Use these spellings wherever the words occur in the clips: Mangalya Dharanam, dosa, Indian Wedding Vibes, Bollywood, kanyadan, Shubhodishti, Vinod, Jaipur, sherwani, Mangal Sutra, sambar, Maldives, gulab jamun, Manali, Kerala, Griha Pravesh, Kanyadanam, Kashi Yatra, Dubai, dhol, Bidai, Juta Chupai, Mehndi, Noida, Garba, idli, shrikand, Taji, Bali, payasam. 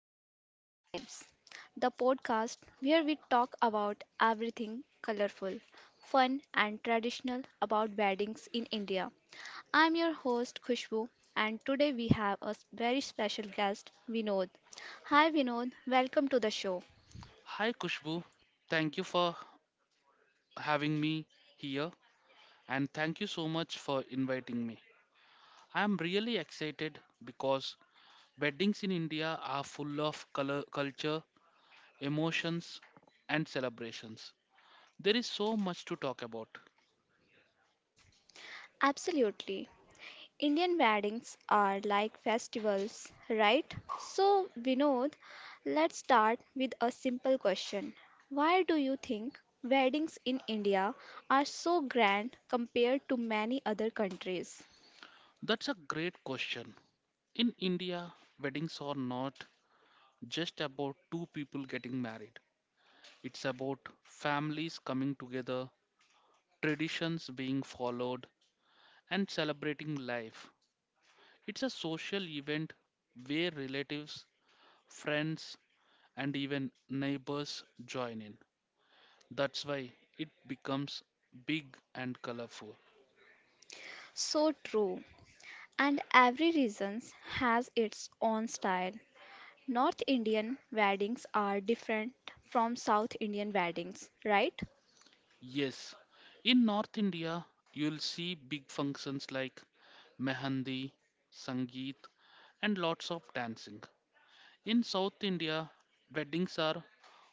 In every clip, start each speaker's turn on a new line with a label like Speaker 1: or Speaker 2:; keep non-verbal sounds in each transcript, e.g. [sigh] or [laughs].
Speaker 1: Indian Wedding Vibes, the podcast where we talk about everything colorful, fun and traditional about weddings in India. I'm your host Khushbu and today we have very special guest Vinod. Hi Vinod, welcome to the show.
Speaker 2: Hi Kushbu, thank you for having me here and thank you so much for inviting me. I am really excited because weddings in India are full of color, culture, emotions, and celebrations. There is so much to talk about.
Speaker 1: Absolutely. Indian weddings are like festivals, right? So, Vinod, let's start with a simple question. Why do you think weddings in India are so grand compared to many other countries?
Speaker 2: That's a great question. In India, weddings are not just about two people getting married, it's about families coming together, traditions being followed, and celebrating life. It's a social event where relatives, friends, and even neighbors join in. That's why it becomes big and colorful.
Speaker 1: So true. And every region has its own style. North Indian weddings are different from South Indian weddings, right?
Speaker 2: Yes, in North India, you'll see big functions like mehandi, sangeet, and lots of dancing. In South India, weddings are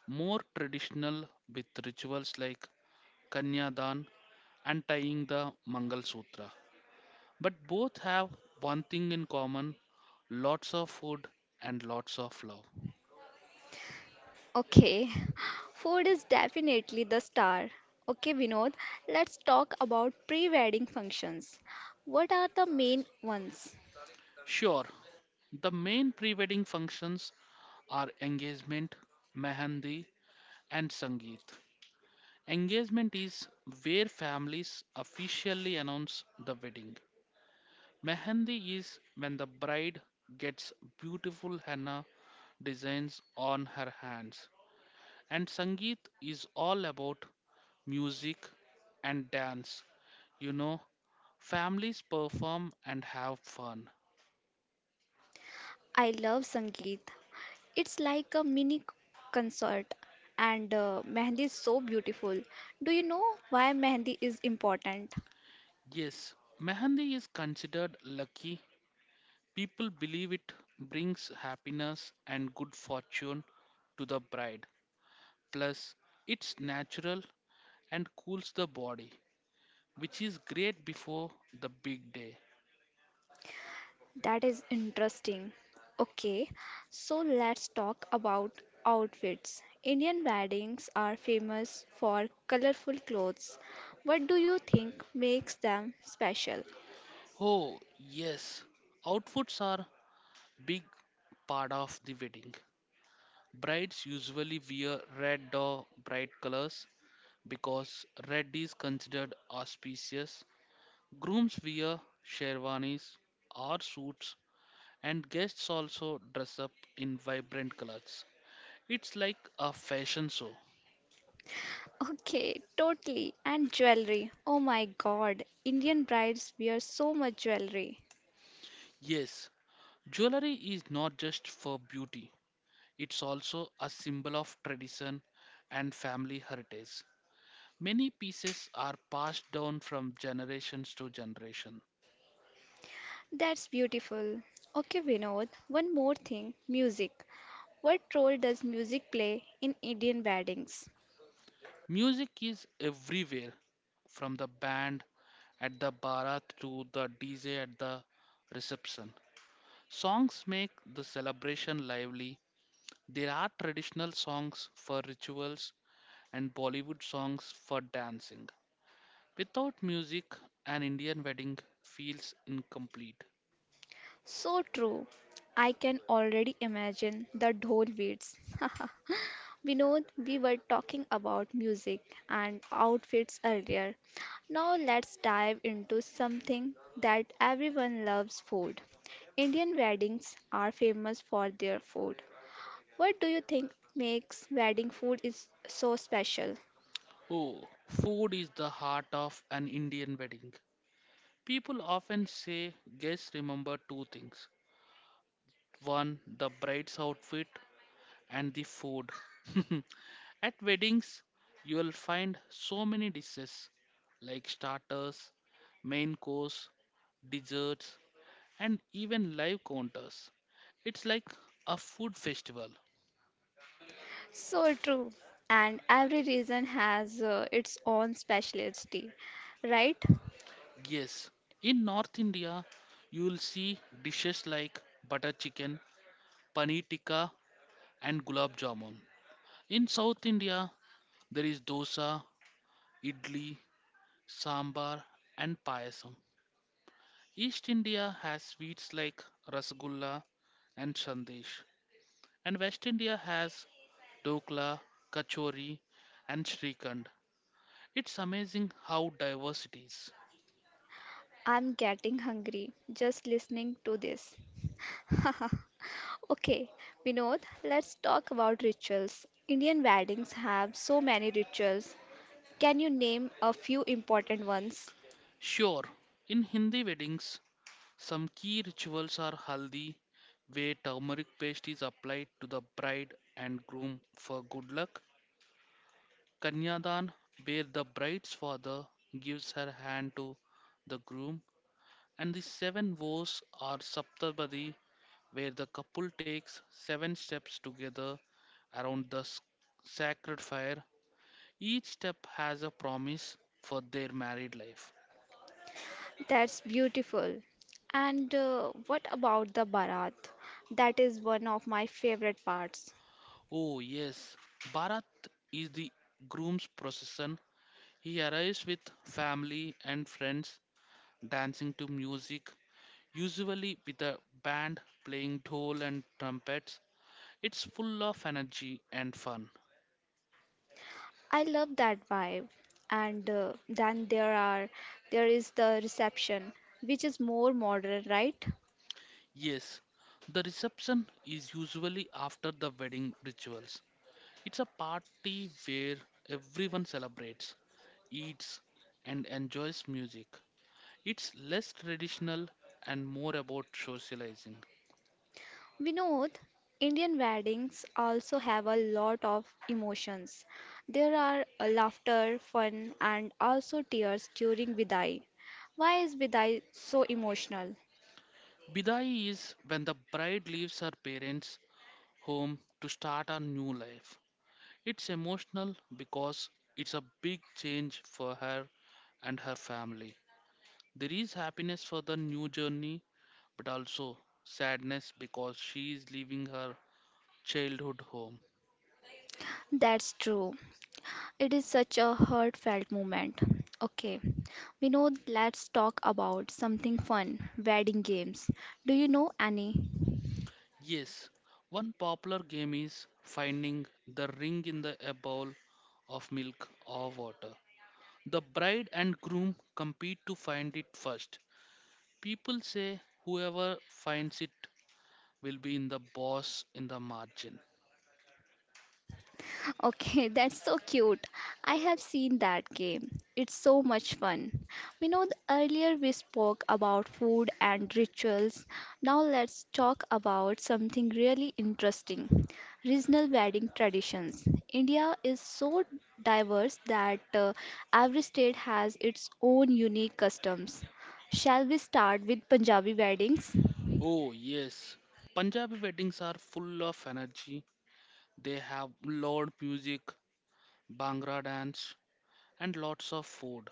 Speaker 2: more traditional with rituals like kanyadan and tying the Mangal Sutra. But both have one thing in common: lots of food and lots of love.
Speaker 1: Okay, [laughs] food is definitely the star. Okay, Vinod, let's talk about pre-wedding functions. What are the main ones?
Speaker 2: Sure, the main pre wedding functions are engagement, mehendi, and sangeet. Engagement is where families officially announce the wedding. Mehendi is when the bride gets beautiful henna designs on her hands. And Sangeet is all about music and dance. You know, families perform and have fun.
Speaker 1: I love Sangeet. It's like a concert, and Mehndi is so beautiful. Do you know why Mehndi is important?
Speaker 2: Yes, Mehndi is considered lucky. People believe it brings happiness and good fortune to the bride. Plus, it's natural and cools the body, which is great before the big day.
Speaker 1: That is interesting. Okay, so let's talk about outfits. Indian weddings are famous for colorful clothes. What do you think makes them special? [laughs]
Speaker 2: Oh, yes, outfits are big part of the wedding. Brides usually wear red or bright colors because red is considered auspicious. Grooms wear sherwanis or suits, and guests also dress up in vibrant colors. It's like a fashion show.
Speaker 1: Okay, totally. And jewelry. Oh my god, Indian brides wear so much jewelry.
Speaker 2: Yes, jewelry is not just for beauty, it's also a symbol of tradition and family heritage. Many pieces are passed down from generations to generations.
Speaker 1: That's beautiful. Okay, Vinod, one more thing music. What role does music play in Indian weddings?
Speaker 2: Music is everywhere, from the band at the barat to the DJ at the reception. Songs make the celebration lively. There are traditional songs for rituals and Bollywood songs for dancing. Without music, an Indian wedding feels incomplete.
Speaker 1: So true. I can already imagine the dhol beats. [laughs] Vinod, we were talking about music and outfits earlier. Now let's dive into something that everyone loves food. Indian weddings are famous for their food. What do you think makes wedding food is so special?
Speaker 2: Oh, food is the heart of an Indian wedding. People often say guests remember two things. One, the bride's outfit, and the food. [laughs] At weddings, you will find so many dishes like starters, main course, desserts, and even live counters. It's like a food festival.
Speaker 1: So true. And every region has its own specialty, right?
Speaker 2: Yes, in North India, you will see dishes like butter chicken, paneer tikka, and gulab jamun. In South India, there is dosa, idli, sambar, and payasam. East India has sweets like rasgulla and sandesh, and West India has dokla, kachori, and shrikand. It's amazing how diverse it is.
Speaker 1: I'm getting hungry just listening to this. [laughs] Okay, Vinod, let's talk about rituals. Indian weddings have so many rituals. Can you name a few important ones?
Speaker 2: Sure, in Hindi weddings, some key rituals are haldi, where turmeric paste is applied to the bride and groom for good luck, kanyadan, where the bride's father gives her hand to the groom, and the seven vows are Saptabadi, where the couple takes seven steps together around the sacred fire. Each step has a promise for their married life.
Speaker 1: That's beautiful. And what about the Bharat? That is one of my favorite parts.
Speaker 2: Oh, yes, Bharat is the groom's procession. He arrives with family and friends dancing to music, usually with a band playing dhol and trumpets. It's full of energy and fun.
Speaker 1: I love that vibe. And then there are there is the reception, which is more modern, right?
Speaker 2: Yes, the reception is usually after the wedding rituals. It's a party where everyone celebrates, eats, and enjoys music. It's less traditional and more about socializing.
Speaker 1: Vinod, Indian weddings also have a lot of emotions. There are laughter, fun, and also tears during Vidai. Why is Vidai so emotional?
Speaker 2: Bidai is when the bride leaves her parents' home to start a new life. It's emotional because it's a big change for her and her family. There is happiness for the new journey, but also sadness because she is leaving her childhood home.
Speaker 1: That's true. It is such a heartfelt moment. Okay, Vinod, let's talk about something fun wedding games. Do you know any?
Speaker 2: Yes, one popular game is finding the ring in the a bowl of milk or water. The bride and groom compete to find it first. People say whoever finds it will be in the boss in the margin.
Speaker 1: Okay, [laughs] that's so cute. I have seen that game. It's so much fun. We know earlier we spoke about food and rituals. Now let's talk about something really interesting. Regional wedding traditions. India is so diverse that every state has its own unique customs. Shall we start with Punjabi weddings?
Speaker 2: Oh, yes. Punjabi weddings are full of energy. They have loud music, Bhangra dance, and lots of food.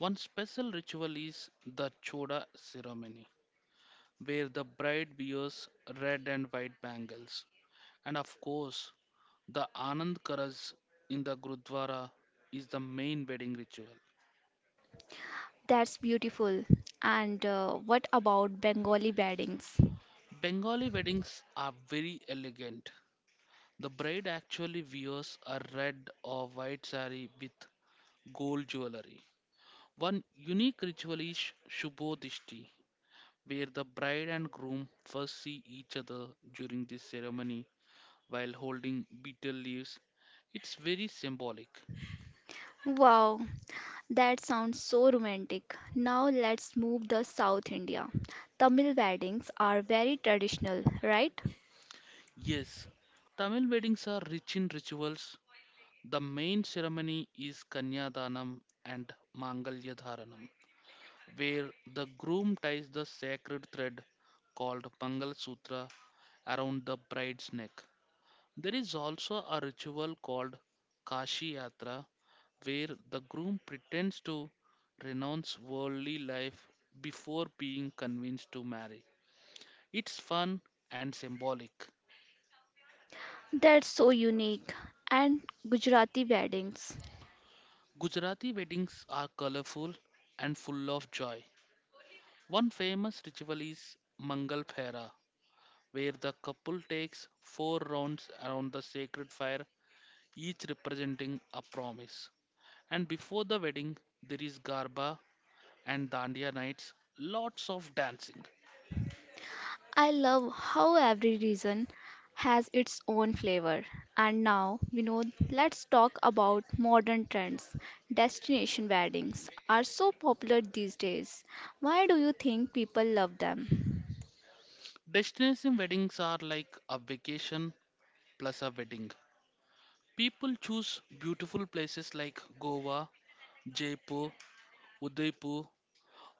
Speaker 2: One special ritual is the Choda ceremony, where the bride wears red and white bangles. And of course, the Anand Karaj in the Gurdwara is the main wedding ritual.
Speaker 1: That's beautiful. And what about Bengali weddings?
Speaker 2: Bengali weddings are very elegant. The bride actually wears a red or white sari with gold jewelry. One unique ritual is Shubhodishti, where the bride and groom first see each other during this ceremony while holding betel leaves. It's very symbolic.
Speaker 1: Wow, that sounds so romantic. Now let's move the South India. Tamil weddings are very traditional, right?
Speaker 2: Yes, Tamil weddings are rich in rituals. The main ceremony is Kanyadanam and Mangalya Dharanam, where the groom ties the sacred thread called Mangal Sutra around the bride's neck. There is also a ritual called Kashi Yatra where the groom pretends to renounce worldly life before being convinced to marry. It's fun and symbolic.
Speaker 1: That's so unique. And Gujarati weddings.
Speaker 2: Gujarati weddings are colorful and full of joy. One famous ritual is Mangal Phera, where the couple takes four rounds around the sacred fire, each representing a promise. And before the wedding, there is Garba, and Dandiya nights, lots of dancing.
Speaker 1: I love how every region has its own flavor. And now, we know, let's talk about modern trends. Destination weddings are so popular these days. Why do you think people love them?
Speaker 2: Destination weddings are like a vacation plus a wedding. People choose beautiful places like Goa, Jaipur, Udaipur,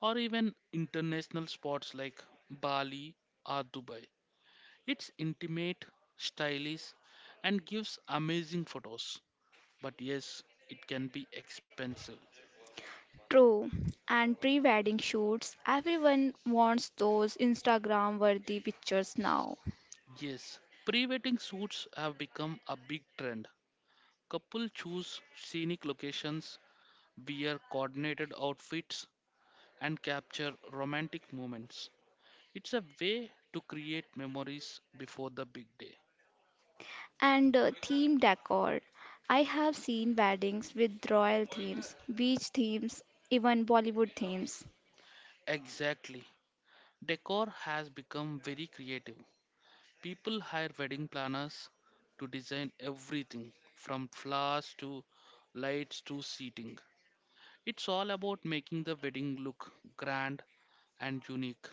Speaker 2: or even international spots like Bali or Dubai. It's intimate, stylish, and gives amazing photos. But yes, it can be expensive.
Speaker 1: True. And pre wedding shoots, everyone wants those Instagram worthy pictures now.
Speaker 2: Yes, pre wedding suits have become a big trend. Couple choose scenic locations, wear coordinated outfits, and capture romantic moments. It's a way to create memories before the big day.
Speaker 1: And theme decor. I have seen weddings with royal themes, beach themes, even Bollywood themes.
Speaker 2: Exactly. Decor has become very creative. People hire wedding planners to design everything from flowers to lights to seating. It's all about making the wedding look grand and unique.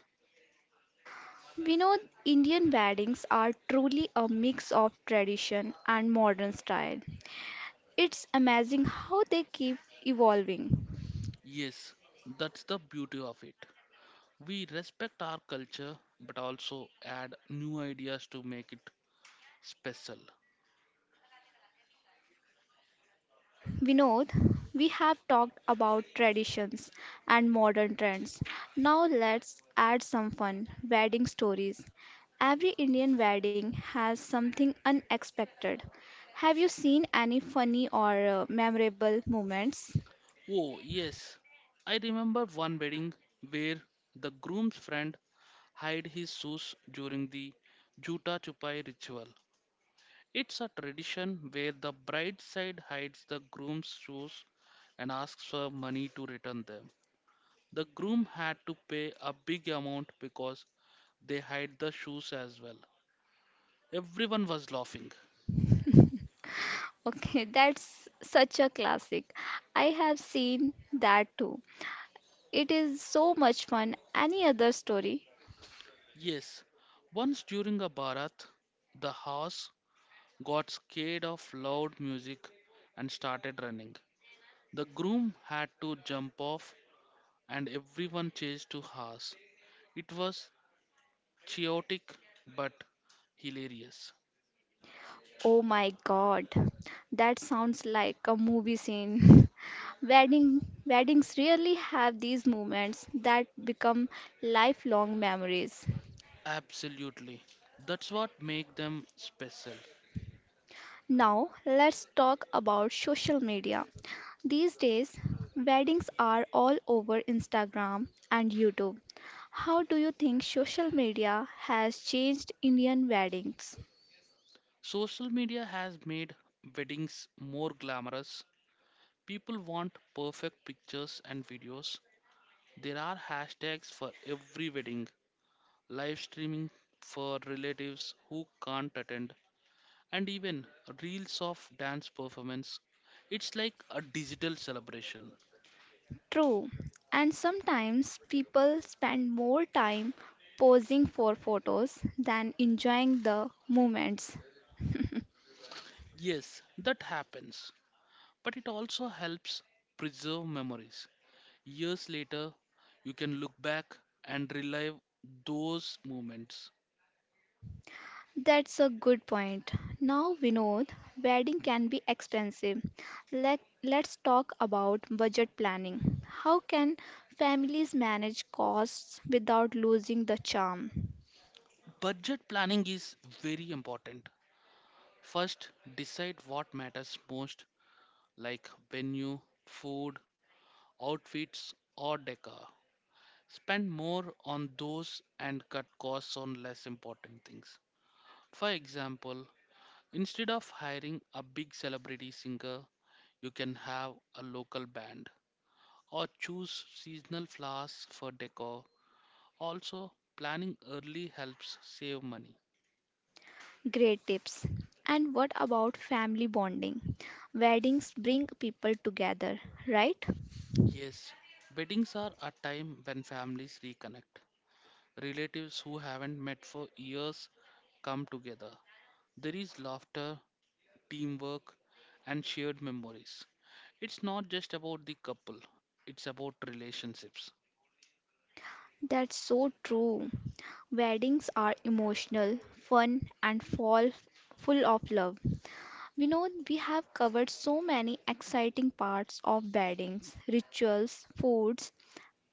Speaker 1: We know Indian weddings are truly a mix of tradition and modern style. It's amazing how they keep evolving.
Speaker 2: Yes, that's the beauty of it. We respect our culture but also add new ideas to make it special.
Speaker 1: Vinod, we have talked about traditions and modern trends. Now let's add some fun wedding stories. Every Indian wedding has something unexpected. Have you seen any funny or memorable moments?
Speaker 2: Oh, yes. I remember one wedding where the groom's friend hid his shoes during the Juta Chupai ritual. It's a tradition where the bride's side hides the groom's shoes and asks for money to return them. The groom had to pay a big amount because they hide the shoes as well. Everyone was laughing.
Speaker 1: [laughs] Okay, that's such a classic. I have seen that too. It is so much fun. Any other story?
Speaker 2: Yes, once during a Bharat, the horse got scared of loud music and started running. The groom had to jump off, and everyone chased to horse. It was chaotic but hilarious.
Speaker 1: Oh my god, that sounds like a movie scene. [laughs] Weddings really have these moments that become lifelong memories.
Speaker 2: Absolutely. That's what make them special.
Speaker 1: Now, let's talk about social media. These days, weddings are all over Instagram and YouTube. How do you think social media has changed Indian weddings?
Speaker 2: Social media has made weddings more glamorous. People want perfect pictures and videos. There are hashtags for every wedding, live streaming for relatives who can't attend, and even reels of dance performance. It's like a digital celebration.
Speaker 1: True, and sometimes people spend more time posing for photos than enjoying the moments. [laughs]
Speaker 2: Yes, that happens, but it also helps preserve memories. Years later, you can look back and relive those moments.
Speaker 1: That's a good point. Now, Vinod, wedding can be expensive. Let's talk about budget planning. How can families manage costs without losing the charm?
Speaker 2: Budget planning is very important. First, decide what matters most, like venue, food, outfits, or decor. Spend more on those and cut costs on less important things. For example, instead of hiring a big celebrity singer, you can have a local band or choose seasonal flowers for decor. Also, planning early helps save money.
Speaker 1: Great tips. And what about family bonding? Weddings bring people together, right?
Speaker 2: Yes, weddings are a time when families reconnect. Relatives who haven't met for years come together. There is laughter, teamwork, and shared memories. It's not just about the couple, it's about relationships.
Speaker 1: That's so true. Weddings are emotional, fun, and fall full of love. We know we have covered so many exciting parts of weddings, rituals, foods,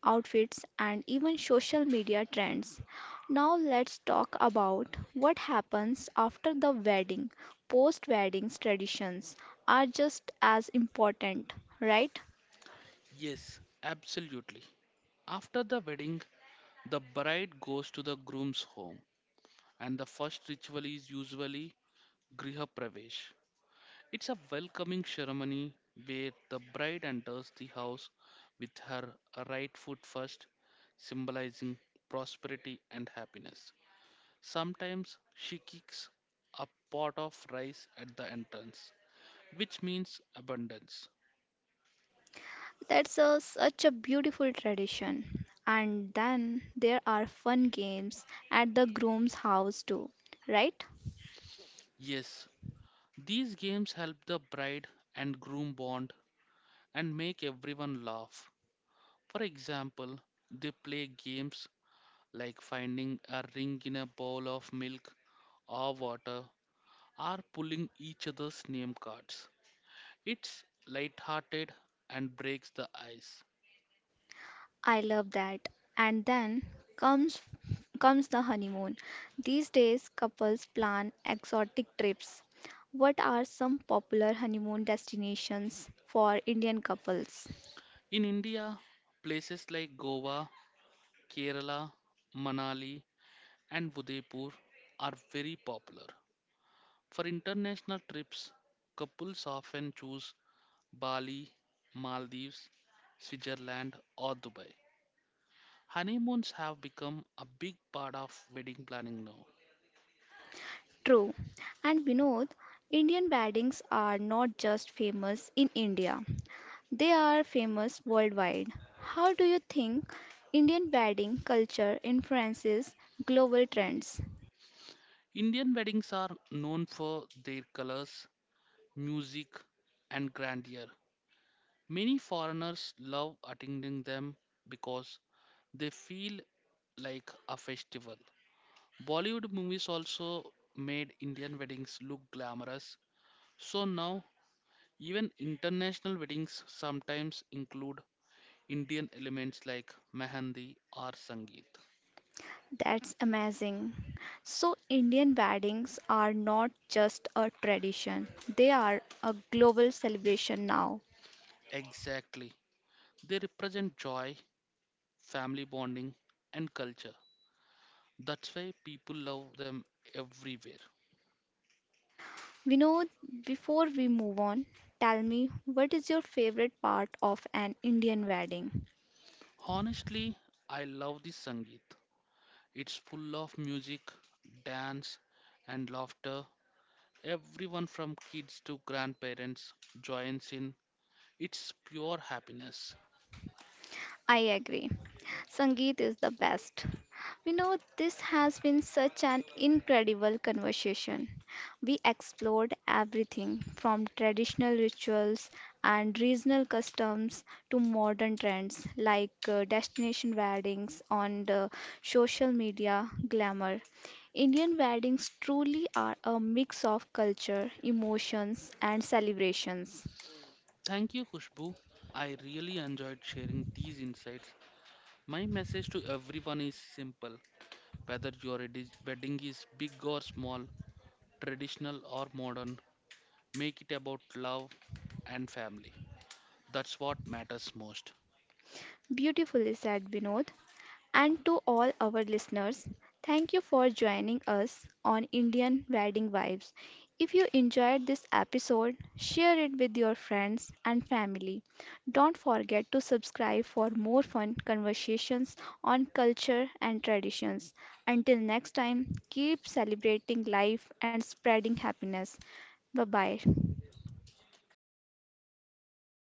Speaker 1: outfits, and even social media trends. Now let's talk about what happens after the wedding. Post-weddings traditions are just as important, right?
Speaker 2: Yes, absolutely. After the wedding, the bride goes to the groom's home, and the first ritual is usually Griha Pravesh. It's a welcoming ceremony where the bride enters the house with her right foot first, symbolizing prosperity and happiness. Sometimes she kicks a pot of rice at the entrance, which means abundance.
Speaker 1: That's such a beautiful tradition. And then there are fun games at the groom's house too, right?
Speaker 2: Yes, these games help the bride and groom bond and make everyone laugh. For example, they play games like finding a ring in a bowl of milk or water or pulling each other's name cards. It's lighthearted and breaks the ice.
Speaker 1: I love that. And then comes comes the honeymoon. These days couples plan exotic trips. What are some popular honeymoon destinations for Indian couples?
Speaker 2: In India, places like Goa, Kerala, Manali, and Udaipur are very popular. For international trips, couples often choose Bali, Maldives, Switzerland, or Dubai. Honeymoons have become a big part of wedding planning now.
Speaker 1: True. And Vinod, Indian weddings are not just famous in India. They are famous worldwide. How do you think Indian wedding culture influences global trends?
Speaker 2: Indian weddings are known for their colors, music, and grandeur. Many foreigners love attending them because they feel like a festival. Bollywood movies also made Indian weddings look glamorous. So now, even international weddings sometimes include Indian elements like mehndi or sangeet.
Speaker 1: That's amazing. So, Indian weddings are not just a tradition, they are a global celebration now.
Speaker 2: Exactly. They represent joy, family bonding, and culture. That's why people love them everywhere.
Speaker 1: Vinod, before we move on, tell me what is your favorite part of an Indian wedding?
Speaker 2: Honestly, I love the sangeet. It's full of music, dance, and laughter. Everyone from kids to grandparents joins in. It's pure happiness.
Speaker 1: I agree. Sangeet is the best. We know this has been such an incredible conversation. We explored everything from traditional rituals and regional customs to modern trends like destination weddings on the social media glamour. Indian weddings truly are a mix of culture, emotions, and celebrations.
Speaker 2: Thank you, Kushbu. I really enjoyed sharing these insights. My message to everyone is simple: whether your wedding is big or small, traditional or modern, make it about love and family. That's what matters most.
Speaker 1: Beautifully said, Vinod, and to all our listeners. Thank you for joining us on Indian Wedding Vibes. If you enjoyed this episode, share it with your friends and family. Don't forget to subscribe for more fun conversations on culture and traditions. Until next time, keep celebrating life and spreading happiness. Bye bye.